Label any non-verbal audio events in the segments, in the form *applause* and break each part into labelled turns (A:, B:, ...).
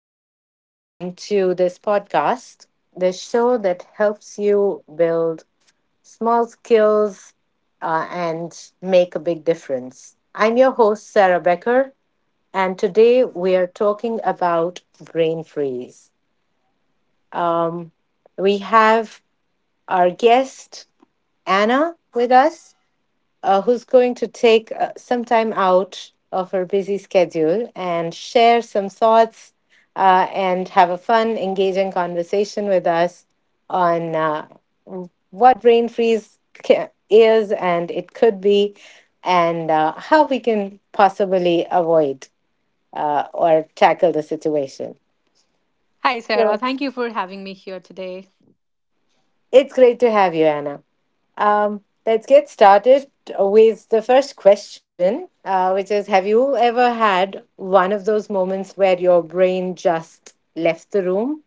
A: Hello and welcome to this podcast, the show that helps you build small skills and make a big difference. I'm your host, Sarah Becker, and today we are talking about brain freeze. Um, we have our guest, Anna, with us who's going to take some time out of her busy schedule and share some thoughts and have a fun, engaging conversation with us on what is and it could be, and how we can possibly avoid or tackle the situation.
B: Hi, Sarah.
A: So
B: Thank you for having me here today.
A: it's great to have you, Anna. Let's get started with the first question, which is, have you ever had one of those moments where your brain just left the room?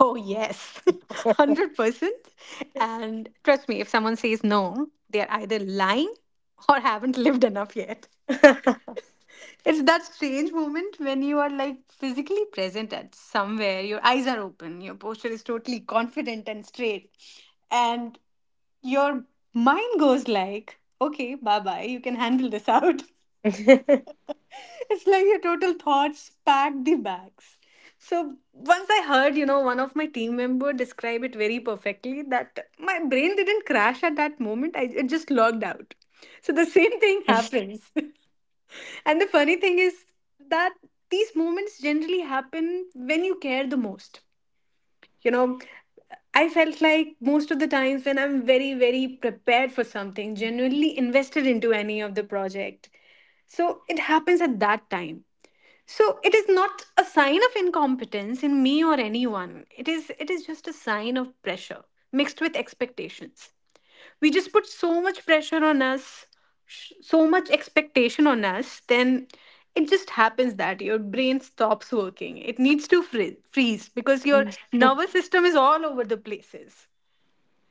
B: Oh, yes, *laughs* 100%. And trust me, if someone says no, they're either lying or haven't lived enough yet. It's that strange moment when you are like physically present at somewhere, your eyes are open, your posture is totally confident and straight, and your mind goes like, okay, bye bye, you can handle this out. *laughs*
A: *laughs*
B: *laughs* It's like your total thoughts pack the bags. So once I heard, one of my team member describe it very perfectly that my brain didn't crash at that moment. I it just logged out. So the *laughs* same thing happens. *laughs* And the funny thing is that these moments generally happen when you care the most. You know, I felt like most of the times when I'm very, very prepared for something, genuinely invested into any of the project. So it happens at that time. So it is not a sign of incompetence in me or anyone. It is just a sign of pressure mixed with expectations. We just put so much pressure on us, so much expectation on us, then it just happens that your brain stops working. It needs to freeze because your nervous system is all over the places.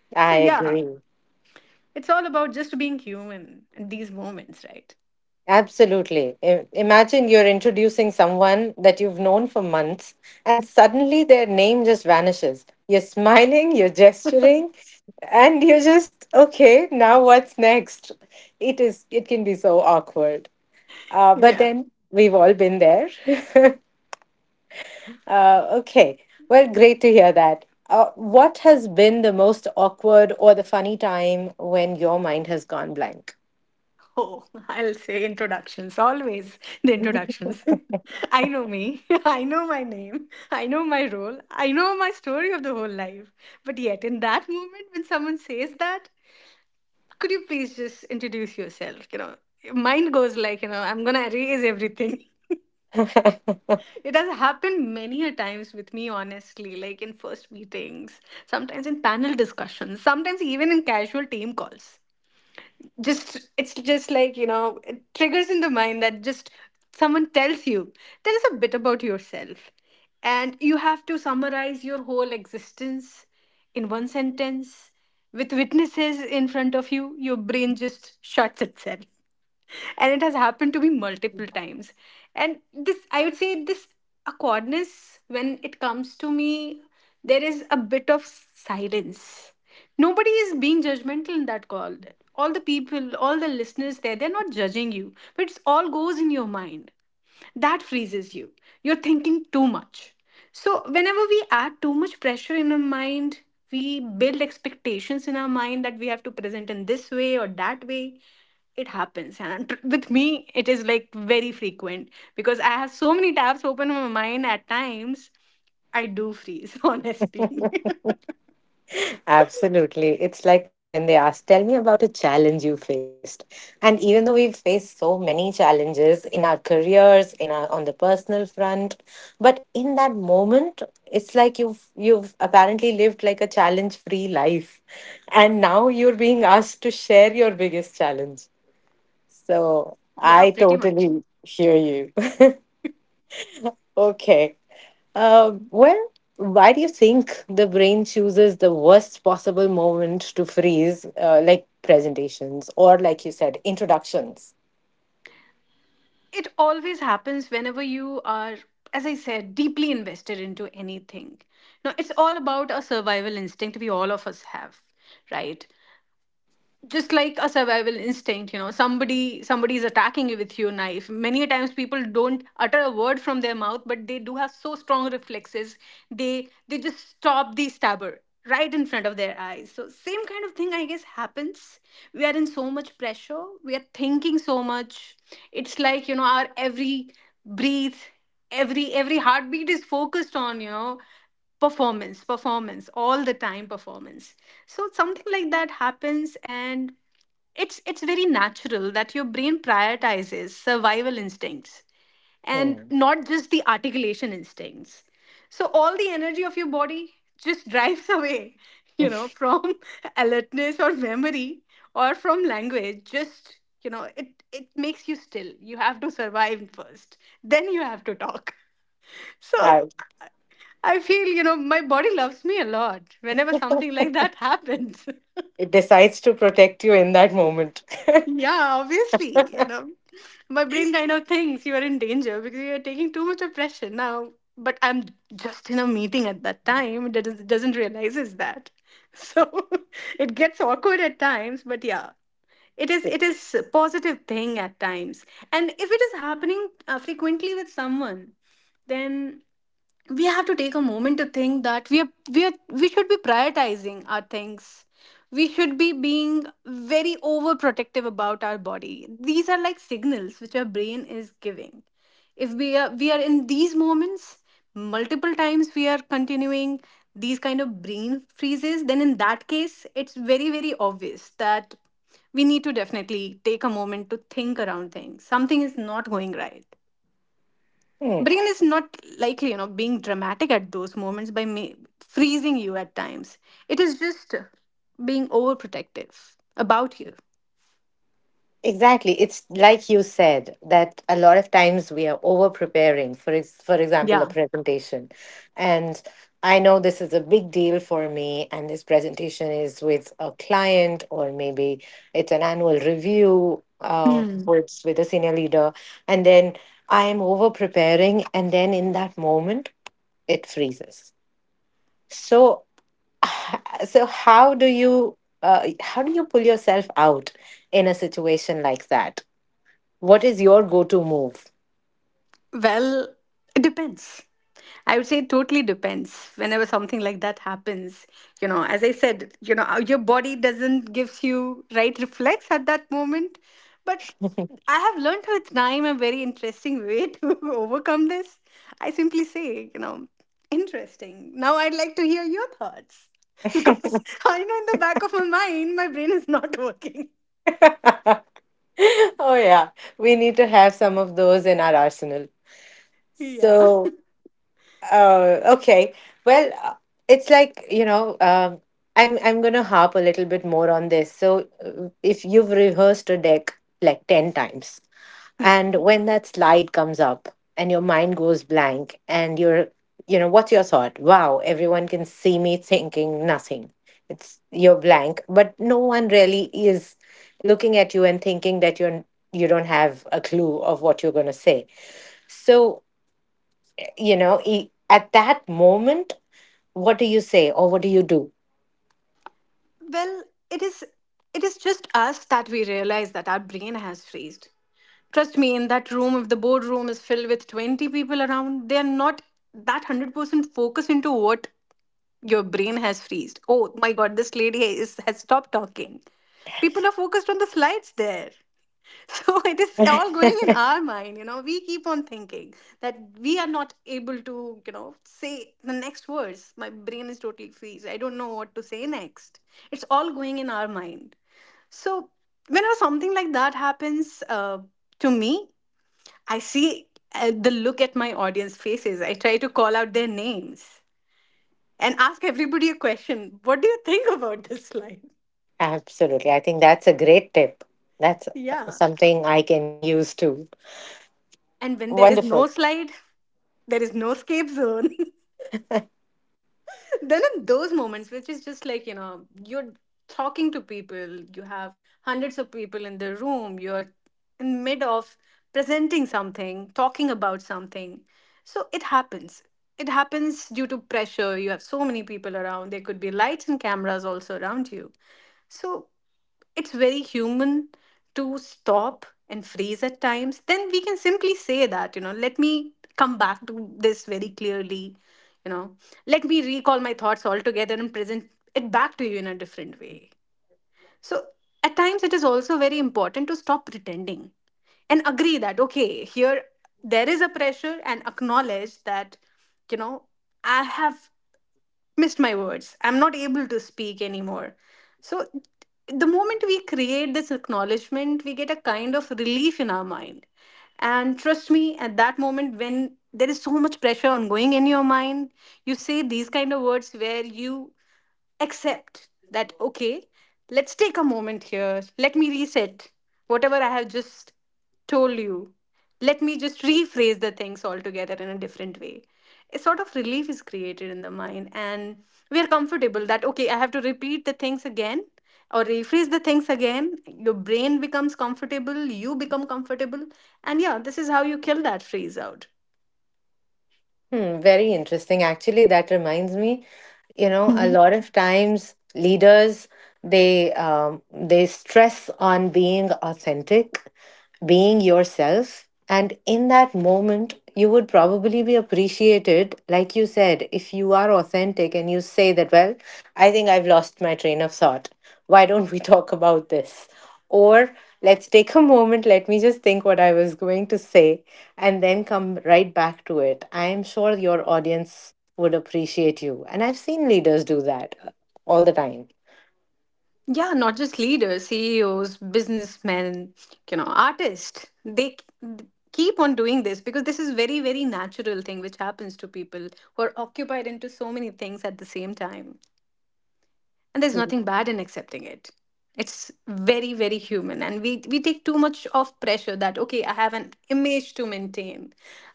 A: I
B: So yeah,
A: agree.
B: it's all about just being human in these moments, right?
A: Absolutely. Imagine you're introducing someone that you've known for months, and suddenly their name just vanishes. You're smiling, you're gesturing, and you're just, okay, now what's next? It can be so awkward. But then we've all been there. *laughs* Okay. Well, great to hear that. What has been the most awkward or the funny time when your mind has gone blank?
B: Oh, *laughs* I'll say introductions, always the introductions. *laughs* I know me, *laughs* I know my name, *laughs* I know my role, I know my story of the whole life. But yet, in that moment, when someone says that, could you please just introduce yourself? Mind goes like, I'm gonna erase everything. *laughs*
A: *laughs*
B: It has happened many a times with me, honestly, like in first meetings, sometimes in panel discussions, sometimes even in casual team calls. Just it's just like, you know, it triggers in the mind that just someone tells you there is a bit about yourself, and you have to summarize your whole existence in one sentence with witnesses in front of you. Your brain just shuts itself, and it has happened to me multiple times. And this I would say this awkwardness, when it comes to me, there is a bit of silence. Nobody is being judgmental in that call. All the people, all the listeners there, they're not judging you, but it's all goes in your mind that freezes you. You're thinking too much. So whenever we add too much pressure in our mind, we build expectations in our mind that we have to present in this way or that way, it happens. And with me it is like very frequent, because I have so many tabs open in my mind. At times I do freeze, *laughs* honestly.
A: Absolutely. It's like when they ask, tell me about a challenge you faced. And even though we've faced so many challenges in our careers, in our on the personal front, but in that moment, it's like you've apparently lived like a challenge-free life. And now you're being asked to share your biggest challenge. So
B: *laughs* Yeah,
A: I
B: pretty much.
A: totally hear you. *laughs* Okay. Uh, well, why do you think the brain chooses the worst possible moment to freeze, like presentations or, like you said, introductions?
B: It always happens whenever you are, as I said, deeply invested into anything. Now it's all about a survival instinct we all of us have, right? Just like a survival instinct, you know, somebody is attacking you with your knife, many a times people don't utter a word from their mouth, but they do have so strong reflexes. They just stop the stabber right in front of their eyes. So same kind of thing, I guess, happens. We are in so much pressure, we are thinking so much. It's like, you know, our every breathe, every heartbeat is focused on, you know, performance, performance, all the time, performance. So something like that happens, and it's very natural that your brain prioritizes survival instincts and
A: Hmm.
B: not just the articulation instincts. So all the energy of your body just *laughs* drives away, you know,
A: *laughs*
B: from *laughs* alertness or memory or from language. Just, you know, it makes you still. You have to survive first, then you have to talk. *laughs* So
A: Uh,
B: I feel, you know, my body loves me a lot whenever something like that happens.
A: it decides to protect you in that moment.
B: *laughs* Yeah, obviously. You know, my brain kind of thinks you are in danger because you are taking too much oppression now. But I'm just in a meeting at that time. That is, doesn't realizes that. *laughs* So *laughs* it gets awkward at times. But yeah, it is it
A: *laughs*
B: is a positive thing at times. And if it is happening frequently with someone, then we have to take a moment to think that we should be prioritizing our things. We should be being very overprotective about our body. These are like signals which our brain is giving. If we are in these moments multiple times, we are continuing these kind of brain freezes, then in that case it's very, very obvious that we need to definitely take a moment to think around things. Something is not going right.
A: Hmm.
B: Brain is not like, you know, being dramatic at those moments by freezing you at times. It is just being overprotective about you.
A: Exactly. It's like you said that a lot of times we are over preparing for for example a
B: Yeah.
A: presentation. And I know this is a big deal for me and this presentation is with a client or maybe it's an annual review
B: Hmm.
A: with a senior leader and then I am over preparing and then in that moment it freezes. So so how do you pull yourself out in a situation like that? What is your go to move?
B: Well, it depends. I would say it totally depends. Whenever something like that happens, as I said, your body doesn't gives you right reflex at that moment. But I have learned with time a very interesting way to *laughs* overcome this. I simply say, you know, interesting. Now I'd like to hear your thoughts, *laughs* because I know in the back of my mind, my brain is not working. *laughs*
A: *laughs* Oh, yeah. We need to have some of those in our arsenal.
B: Yeah.
A: So, okay. Well, it's like, you know, I'm going to harp a little bit more on this. So, if you've rehearsed a deck like 10 times,
B: Hmm.
A: and when that slide comes up and your mind goes blank and you're, you know, what's your thought? Wow, everyone can see me thinking nothing. It's you're blank, but no one really is looking at you and thinking that you don't have a clue of what you're going to say. So, you know, at that moment, what do you say or what do you do?
B: Well, it is. It is just us that we realize that our brain has freezed. Trust me, in that room, if the boardroom is filled with 20 people around, they're not that 100% focus into what. Your brain has freezed, oh my god, this lady is, has stopped talking. People are focused on the slides there. *laughs* So it is all
A: *laughs*
B: going in our mind. You know, we keep on thinking that we are not able to, you know, say the next words. My brain is totally freeze, I don't know what to say next. It's all going in our mind. So whenever something like that happens, to me, I see the look at my audience faces. I try to call out their names and ask everybody a question. What do you think about this *laughs* slide?
A: Absolutely. I think that's a great tip. That's
B: Yeah.
A: something I can use too.
B: And when there is
A: Wonderful.
B: no slide, there is no escape zone. *laughs* Then in those moments, which is just like, you know, you're talking to people, you have hundreds of people in the room, you're in mid of presenting something, talking about something. So it happens. It happens due to pressure. You have so many people around, there could be lights and cameras also around you. So it's very human to stop and freeze at times. Then we can simply say that, you know, let me come back to this very clearly. You know, let me recall my thoughts altogether and present it back to you in a different way. So at times it is also very important to stop pretending and agree that, okay, here there is a pressure, and acknowledge that, you know, I have missed my words, I'm not able to speak anymore. So the moment we create this acknowledgement, we get a kind of relief in our mind. And trust me, at that moment when there is so much pressure ongoing in your mind, you say these kind of words where you Except that, okay, let's take a moment here. Let me reset whatever I have just told you. Let me just rephrase the things altogether in a different way. A sort of relief is created in the mind, and we are comfortable that, okay, I have to repeat the things again or rephrase the things again. Your brain becomes comfortable, you become comfortable. And yeah, this is how you kill that phrase out.
A: Hmm, very interesting. Actually, that reminds me, you know, a lot of times leaders they stress on being authentic, being yourself. And in that moment, you would probably be appreciated, like you said, if you are authentic and you say that, well, I think I've lost my train of thought. Why don't we *laughs* talk about this? Or let's take a moment, let me just think what I was going to say, and then come right back to it. I am sure your audience would appreciate you. And I've seen leaders do that all the time.
B: Yeah, not just leaders, CEOs, businessmen, you know, artists. They keep on doing this, because this is very, very natural thing which happens to people who are occupied into so many things at the same time. And there's nothing bad in accepting it. It's very, very human, and we take too much of pressure that, okay, I have an image to maintain,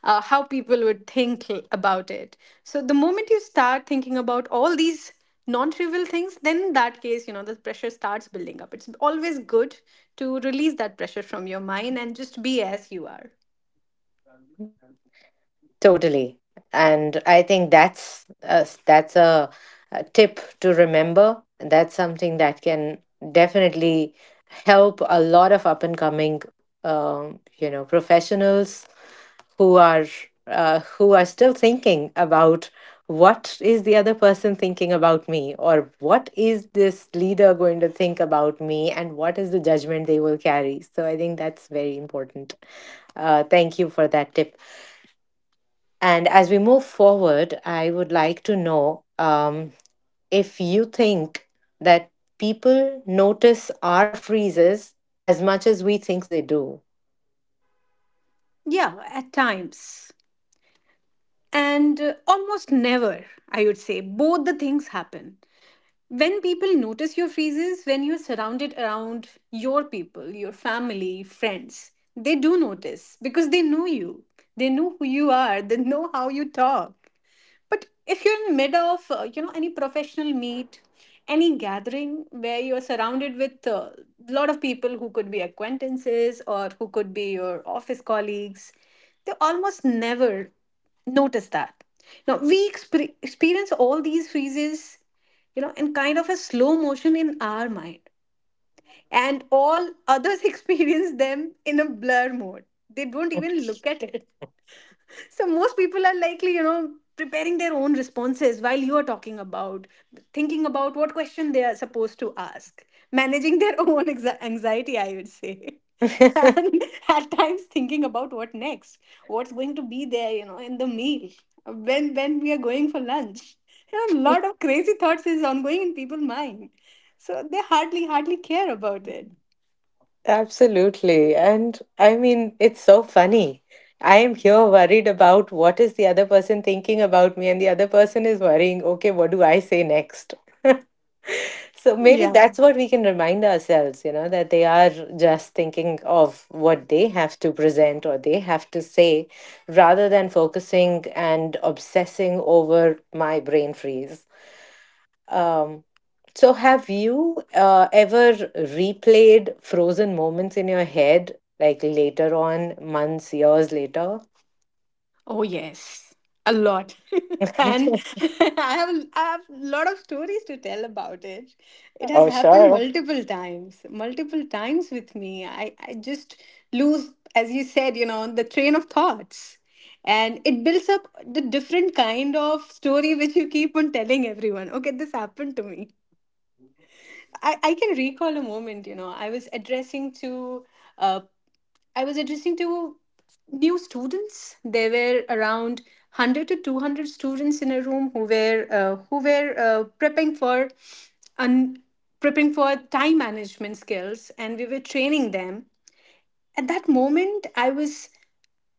B: how people would think about it. So the moment you start thinking about all these non-trivial things, then in that case, you know, the pressure starts building up. It's always good to release that pressure from your mind and just be as you are.
A: Totally. And I think a tip to remember. That's something that can definitely help a lot of up and coming you know professionals who are who are still thinking about what is the other person thinking about me or what is this leader going to think about me and what is the judgment they will carry, so I think that's very important. Thank you for that tip, and as we move forward, I would like to know if you think that people notice our freezes as much as we think they do.
B: Yeah, at times, and almost never, I would say both the things happen. When people notice your freezes, when you're surrounded around your people, your family, friends, they do notice because they know you. They know who you are, they know how you talk. But if you're in mid of, you know, any professional meet, any gathering where you're surrounded with a lot of people who could be acquaintances or who could be your office colleagues, they almost never notice that. Now we experience all these phases, you know, in kind of a slow motion in our mind, and all others *laughs* experience them in a blur mode. They don't even look at it. So most people are likely, preparing their own responses while you are talking about thinking about what question they are supposed to ask, managing their *laughs* own anxiety, I would say. *laughs*
A: *laughs*
B: And at times thinking about what next, what's going to be there, in the meal, when we are going for lunch. You know, a lot of crazy thoughts is ongoing in people's mind. So they hardly care about
A: Absolutely. And I mean, it's so funny. I am here worried about what is the other person thinking about me, and the other person is worrying, okay, what do I say next? *laughs* So maybe
B: it.
A: that's what we can remind ourselves, you know, that they are just thinking of what they have to present or they have to say rather than focusing and obsessing over my brain freeze. Um, so, have you ever replayed frozen moments in your head, like later on, months, years later?
B: Oh yes, a lot. *laughs* And *laughs*
A: *laughs*
B: I have a lot of stories to tell about it. It has
A: Oh,
B: happened
A: sure.
B: multiple times with me. I just lose, as you said, you know, the train of thoughts. And it builds up the different kind of story which you keep on telling everyone. Okay, this happened to me. I can recall a moment, you know, I was addressing to uh, I was addressing to new students. There were around 100 to 200 students in a room who were prepping for un- prepping for time management skills, and we were training them. At that moment,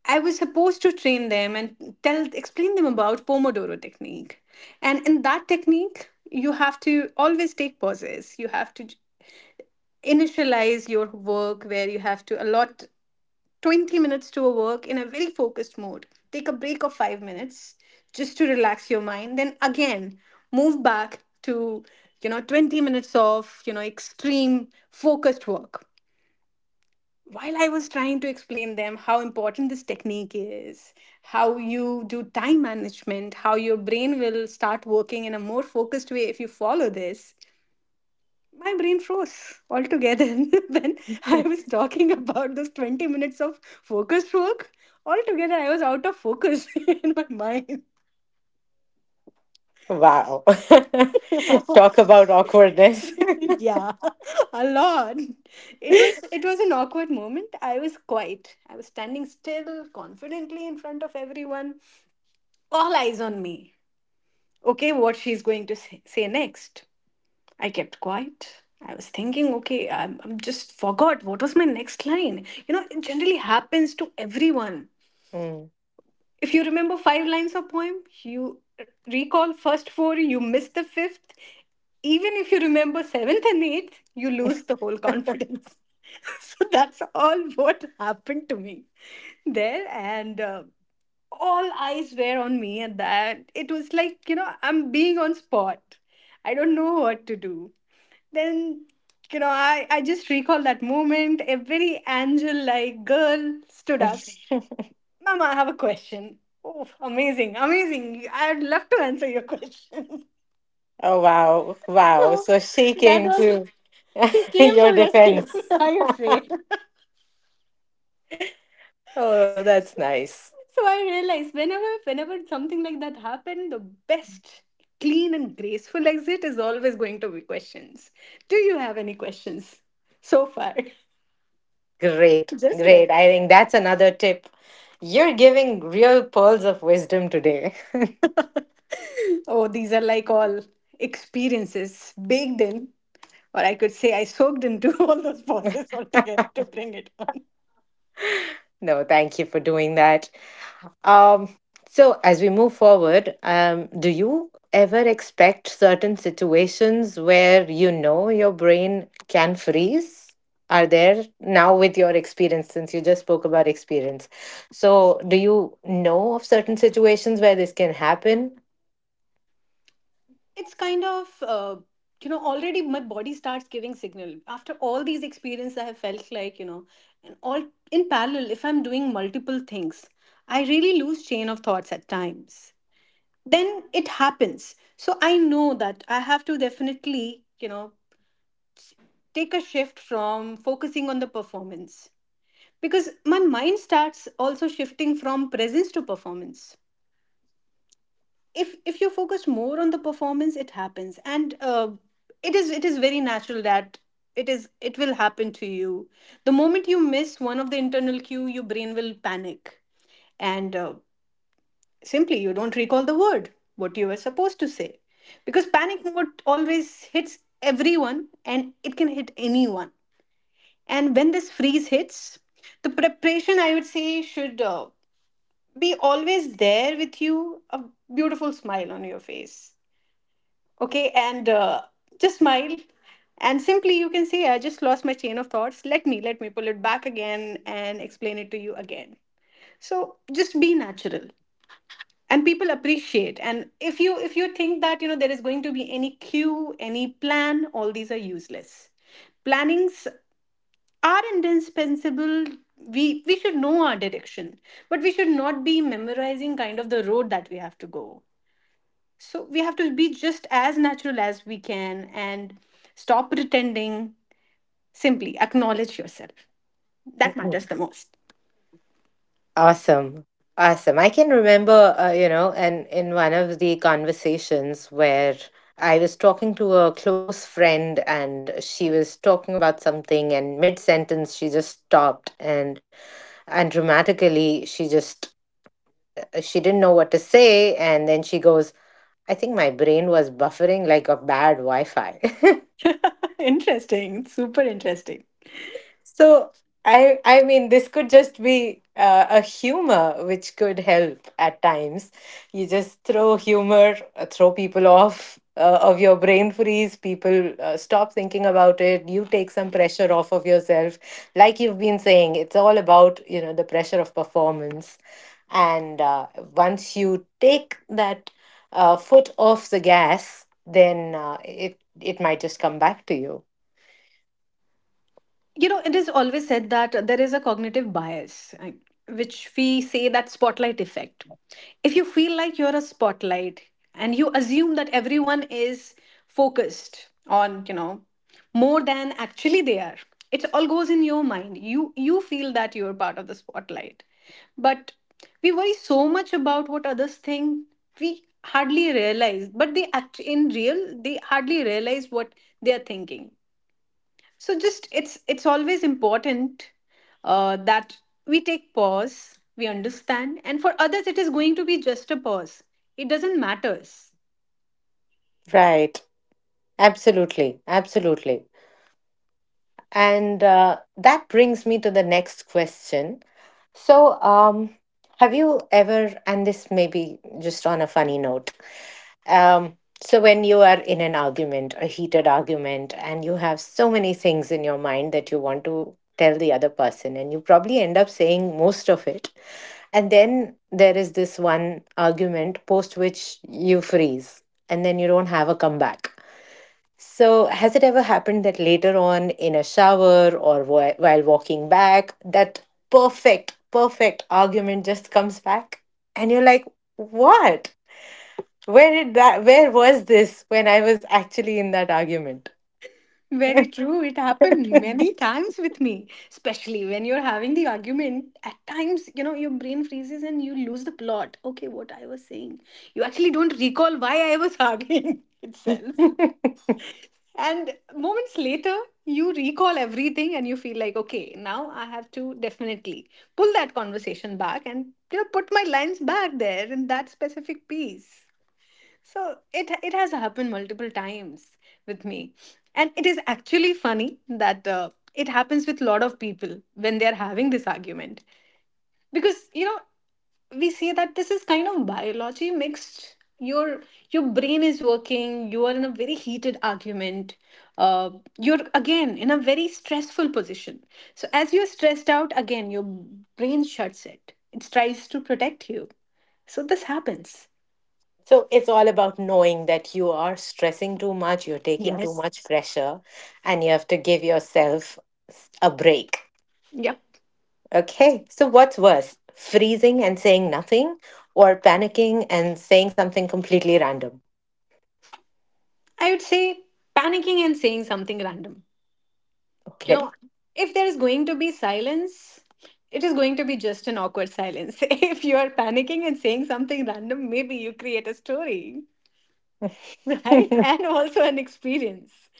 B: I was supposed to train them and tell explain them about Pomodoro technique. And in that technique, you have to always take pauses. You have to initialize your work where you have to allot 20 minutes to a work in a very focused mode. Take a break of 5 minutes just to relax your mind. Then again, move back to, you know, 20 minutes of, you know, extreme focused work. While I was trying to explain them how important this technique is, how you do time management, how your brain will start working in a more focused way if you follow this, my brain froze altogether *laughs* when I was talking about those 20 minutes of focused work. Altogether, I was out of focus *laughs* in my mind.
A: Wow. *laughs* Talk
B: *laughs*
A: about awkwardness. *laughs*
B: Yeah, a lot. It was an awkward moment. I was quiet. I was standing still, confidently in front of everyone. All eyes on me. Okay, what she's going to say next? I kept quiet. I was thinking, okay, I'm just forgot what was my next line. You know, it generally happens to everyone. If you remember five lines of poem, you recall first four, you miss the fifth. Even if you remember seventh and eighth, you lose the whole confidence. *laughs* So that's all what happened to me there. And all eyes were on me at that. It was like, you know, I'm being on spot. I don't know what to do. Then, you know, I just recall that moment. A very angel like girl stood
A: Mm.
B: up.
A: *laughs*
B: Mama, I have a question. Oh, amazing, amazing. I'd love to answer your question. *laughs*
A: Oh wow, wow.
B: So
A: So she
B: that
A: came
B: was,
A: to
B: she
A: *laughs*
B: came for
A: your
B: rescue, *laughs*
A: defense.
B: I would say.
A: Oh, that's nice.
B: So I realized whenever something like that happened, the best clean and graceful exit is always going to be questions. Do you have any questions so far? *laughs*
A: Great,
B: Just
A: great.
B: like
A: I think that's another tip. You're giving real pearls of wisdom today. *laughs*
B: oh, these are like all experiences baked in, or I could say I soaked into *laughs* all those pauses altogether to bring it on.
A: No, thank you for doing that. Um, so, as we move forward, do you ever expect certain situations where you know your brain can freeze? Are there now with your experience, since you just spoke about experience? So, do you know of certain situations where this can happen?
B: It's kind of you know already my body starts giving signal after all these experiences I have felt like, you know, and all in parallel if I'm doing multiple things I really lose chain of thoughts at times, then it happens. So I know that I have to definitely, you know, take a shift from focusing on the performance, because my mind starts also shifting from presence to performance. If you focus more on the performance it happens, and it is very natural that it will happen to you. The moment you miss one of the internal cue your brain will panic, and simply you don't recall the word what you were supposed to say, because panic mode always hits everyone and it can hit anyone. And when this freeze hits, the preparation, I would say, should be always there with you. A beautiful smile on your face, okay, and just smile. And simply you can say I just lost my chain of thoughts, let me pull it back again and explain it to you again. So just be natural and people appreciate. And if you think that, you know, there is going to be any cue, any plan, all these are useless. Plannings are indispensable. We should know our direction, but we should not be memorizing kind of the road that we have to go. So we have to be just as natural as we can and stop pretending. Simply acknowledge yourself. That matters the most.
A: Awesome. Awesome. I can remember, you know, and in one of the conversations where I was talking to a close friend and she was talking about something, and mid sentence, she just stopped and dramatically she just she didn't know what to say and then she goes, I think my brain was buffering like a bad wi-fi. *laughs*
B: *laughs* Interesting. Super interesting.
A: So I mean this could just be a humor which could help at times. You just throw humor, throw people off of your brain freeze. People stop thinking about it. You take some pressure off of yourself. Like you've been saying, it's all about you know the pressure of performance. And once you take that foot off the gas, then it might just come back to you.
B: You know, it is always said that there is a cognitive bias which we say that spotlight effect. If you feel like you're a spotlight and you assume that everyone is focused on, you know, more than actually they are, it all goes in your mind. You feel that you're part of the spotlight, but we worry so much about what others think. We hardly realize, but they act in real, they hardly realize what they are thinking. So just it's always important that we take pause, we understand, and for others it is going to be just a pause. It doesn't matters.
A: Right. Absolutely, absolutely. And that brings me to the next question. So, have you ever, and this may be just on a funny note, um, so when you are in an argument, a heated argument, and you have so many things in your mind that you want to tell the other person, and you probably end up saying most of it, and then there is this one argument post which you freeze, and then you don't have a comeback, so, has it ever happened that later on in a shower or while walking back, that perfect argument just comes back? And you're like, what? Where did that, where was this when I was actually in that argument?
B: Very true. It happened many
A: *laughs*
B: times with me, especially when you're having the argument. At times, you know, your brain freezes and you lose the plot. Okay, what I was saying. You actually don't recall why I was arguing *laughs* itself. And moments later, you recall everything and you feel like, okay, now I have to definitely pull that conversation back and, you know, put my lines back there in that specific piece. So it has happened multiple times with me, and it is actually funny that it happens with a lot of people when they are having this argument, because, you know, we say that this is kind of biology mixed. Your brain is working, you are in a very heated argument, uh, you're again in a very stressful position. So as you're stressed out, again your brain shuts it, it tries to protect you. So this happens.
A: So it's all about knowing that you are stressing too much, you're taking too
B: Yes.
A: much pressure, and you have to give yourself a break.
B: Yeah,
A: Okay, so what's worse, freezing and saying nothing, or panicking and saying something completely random?
B: I would say panicking and saying something random. You know,
A: Okay.
B: if there is going to be silence, it is going to be just an awkward silence. *laughs* If you are panicking and saying something random, maybe you create a story, *laughs* right?
A: *laughs*
B: And also an experience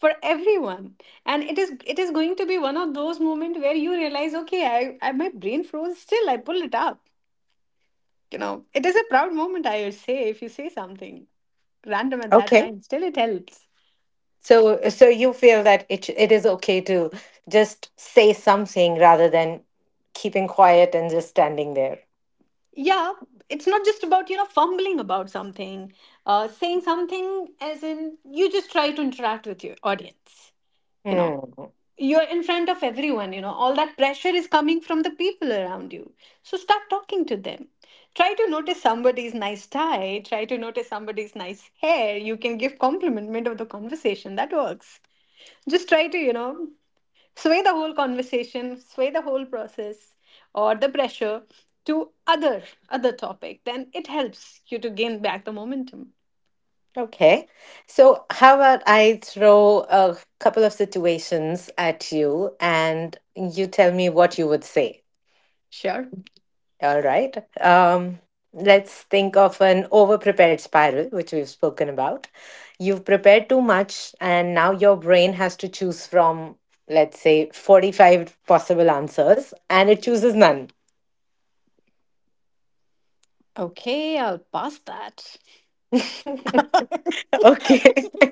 B: for everyone. And it is going to be one of those moments where you realize, okay, I my brain froze still, I pulled it up. You know, it is a proud moment, I would say, if you say something random at that
A: Okay.
B: time, still it helps.
A: So, so you feel that it is okay to just say something rather than keeping quiet and just standing there.
B: Yeah, it's not just about, you know, fumbling about something, saying something as in you just try to interact with your audience, you know.
A: Hmm.
B: You're in front of everyone, you know, all that pressure is coming from the people around you. So start talking to them. Try to notice somebody's nice tie, try to notice somebody's nice hair. You can give compliment mid of the conversation. That works. Just try to, you know, sway the whole process or the pressure to other topic, then it helps you to gain back the momentum.
A: Okay. So, how about I throw a couple of situations at you, and you tell me what you would say?
B: Sure.
A: All right. Let's think of an overprepared spiral, which we've spoken about. You've prepared too much, and now your brain has to choose from, let's say, 45 possible answers, and it chooses none.
B: Okay, I'll pass that. *laughs*
A: *laughs* Okay. *laughs*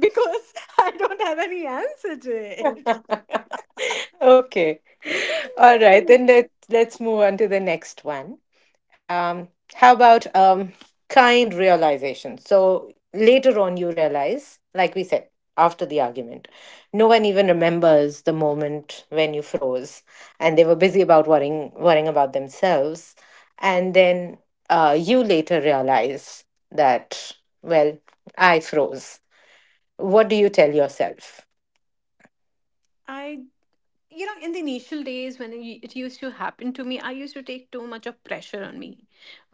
B: Because I don't have any answer to it.
A: Okay. All right.
B: *laughs*
A: Then let's move on to the next one. Um, how about kind realization? So later on, you realize, like we said, after the argument, no one even remembers the moment when you froze, and they were busy about worrying about themselves, and then you later realize that, well, I froze. What do you tell yourself?
B: I, you know, in the initial days when it used to happen to me, I used to take too much of pressure on me.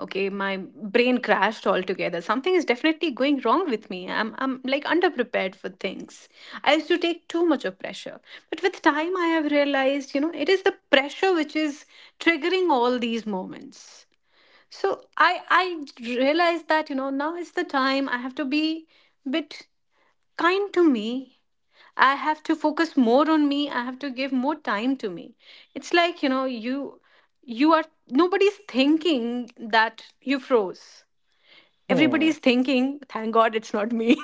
B: Okay, my brain crashed altogether, something is definitely going wrong with me, I'm like underprepared for things. I used to take too much of pressure, but with time I have realized, you know, it is the pressure which is triggering all these moments. So i I realized that, you know, now is the time I have to be bit kind to me. I have to focus more on me. I have to give more time to me. It's like, you know, you are nobody's thinking that you froze.
A: Hmm.
B: Everybody's thinking, thank God it's not me.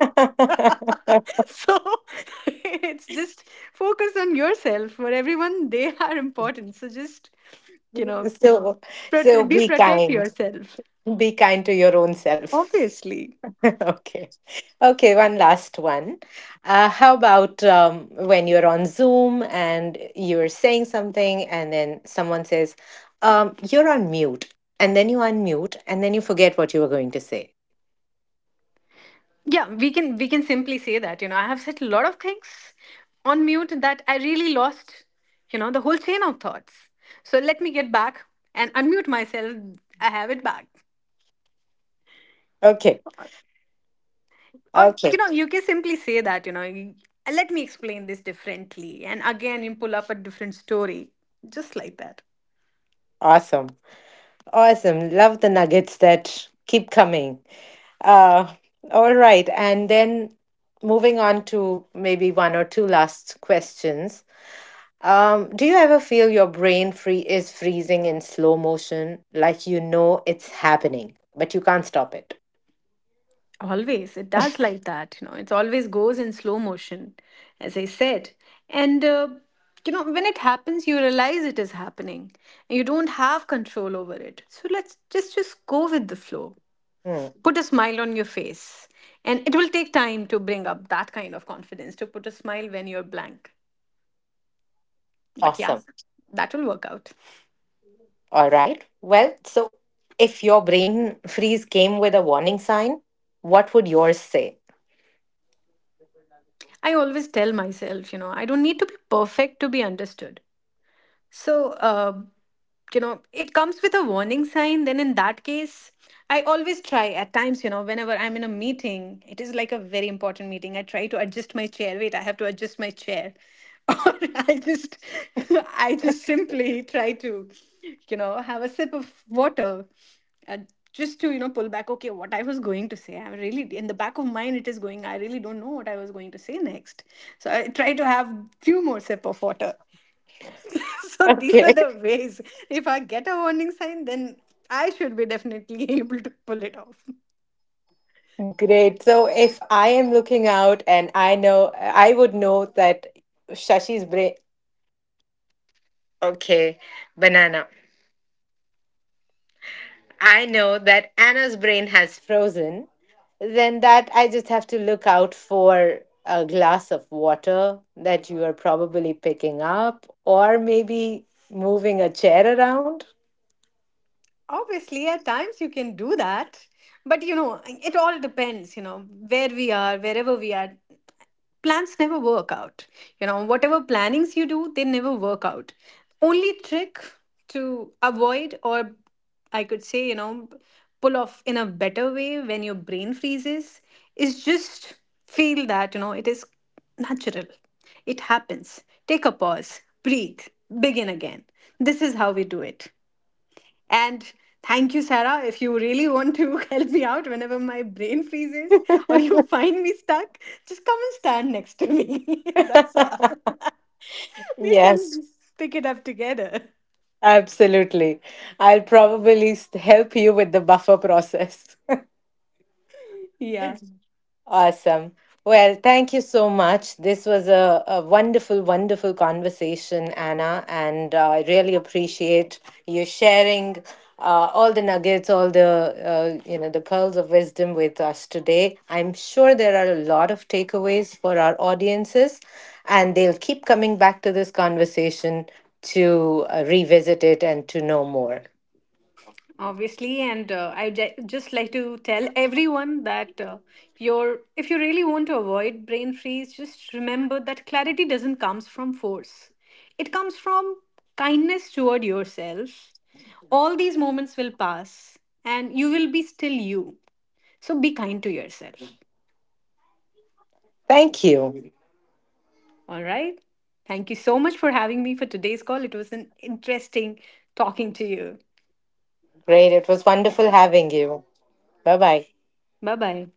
A: *laughs*
B: *laughs* So *laughs* it's just focus on yourself. For everyone, they are important. So just, you know,
A: So so
B: be
A: be
B: protect
A: kind.
B: yourself.
A: Be kind to your own self.
B: Obviously.
A: Okay. Okay, one last one. How about when you're on Zoom and you're saying something, and then someone says, you're on mute. And then you unmute, and then you forget what you were going to say.
B: Yeah, we can simply say that, you know, I have said a lot of things on mute that I really lost, you know, the whole chain of thoughts. So let me get back and unmute myself. I have it back.
A: Okay.
B: Or,
A: Okay.
B: you know, you can simply say that, you know, let me explain this differently. And again, you pull up a different story, just like that.
A: Awesome. Awesome. Love the nuggets that keep coming. Uh, all right. And then moving on to maybe one or two last questions. Do you ever feel your brain freezing in slow motion, like you know it's happening, but you can't stop it?
B: Always. It does like that. You know, it always goes in slow motion, as I said. And, you know, when it happens, you realize it is happening and you don't have control over it. So let's just go with the flow.
A: Hmm.
B: Put a smile on your face. And it will take time to bring up that kind of confidence to put a smile when you're blank. But yeah,
A: Awesome.
B: that will work out.
A: All right. Well, so if your brain freeze came with a warning sign, what would yours say? *laughs*
B: I always tell myself, you know, I don't need to be perfect to be understood. So, you know, it comes with a warning sign, then in that case I always try at times, you know, whenever I'm in a meeting, it is like a very important meeting, I try to adjust my chair. Wait, I have to adjust my chair. *laughs* Or I just *laughs* I just simply try to, you know, have a sip of water. And just to, you know, pull back, okay, what I was going to say. I'm really in the back of mind it is going, I really don't know what I was going to say next. So I try to have few more sip of water. *laughs* So these are
A: Okay.
B: the ways. If I get a warning sign, then I should be definitely *laughs* able to pull it off.
A: Great. So if I am looking out and I know, I would know that Shashi's brain. Okay, banana. I know that Anna's brain has frozen. Then that I just have to look out for a glass of water that you are probably picking up or maybe moving a chair around.
B: Obviously, at times you can do that, but, you know, it all depends, you know, where we are, wherever we are. Plans never work out. You know, whatever plannings you do, they never work out. Only trick to avoid, or I could say, you know, pull off in a better way when your brain freezes, is just feel that, you know, it is natural. It happens. Take a pause, breathe, begin again. This is how we do it. And thank you, Sarah. If you really want to *laughs* help me out whenever my brain freezes or you *laughs* find me stuck, just come and stand next to me. *laughs* That's all.
A: *laughs*
B: *laughs* We
A: Yes,
B: can pick it up together.
A: absolutely. I'll probably help you with the buffer process.
B: Yeah,
A: Awesome. Well, thank you so much. This was a wonderful, wonderful conversation, Anna, and I really appreciate you sharing all the nuggets, all the you know the pearls of wisdom with us today. I'm sure there are a lot of takeaways for our audiences, and they'll keep coming back to this conversation to revisit it and to know more.
B: obviously. And I just like to tell everyone that your if you really want to avoid brain freeze, just remember that clarity doesn't comes from force. It comes from kindness toward yourself. All these moments will pass and you will be still you. So be kind to yourself.
A: Thank you.
B: All right. Thank you so much for having me for today's call. It was an interesting talking to you.
A: Great. It was wonderful having you. Bye bye.
B: Bye bye.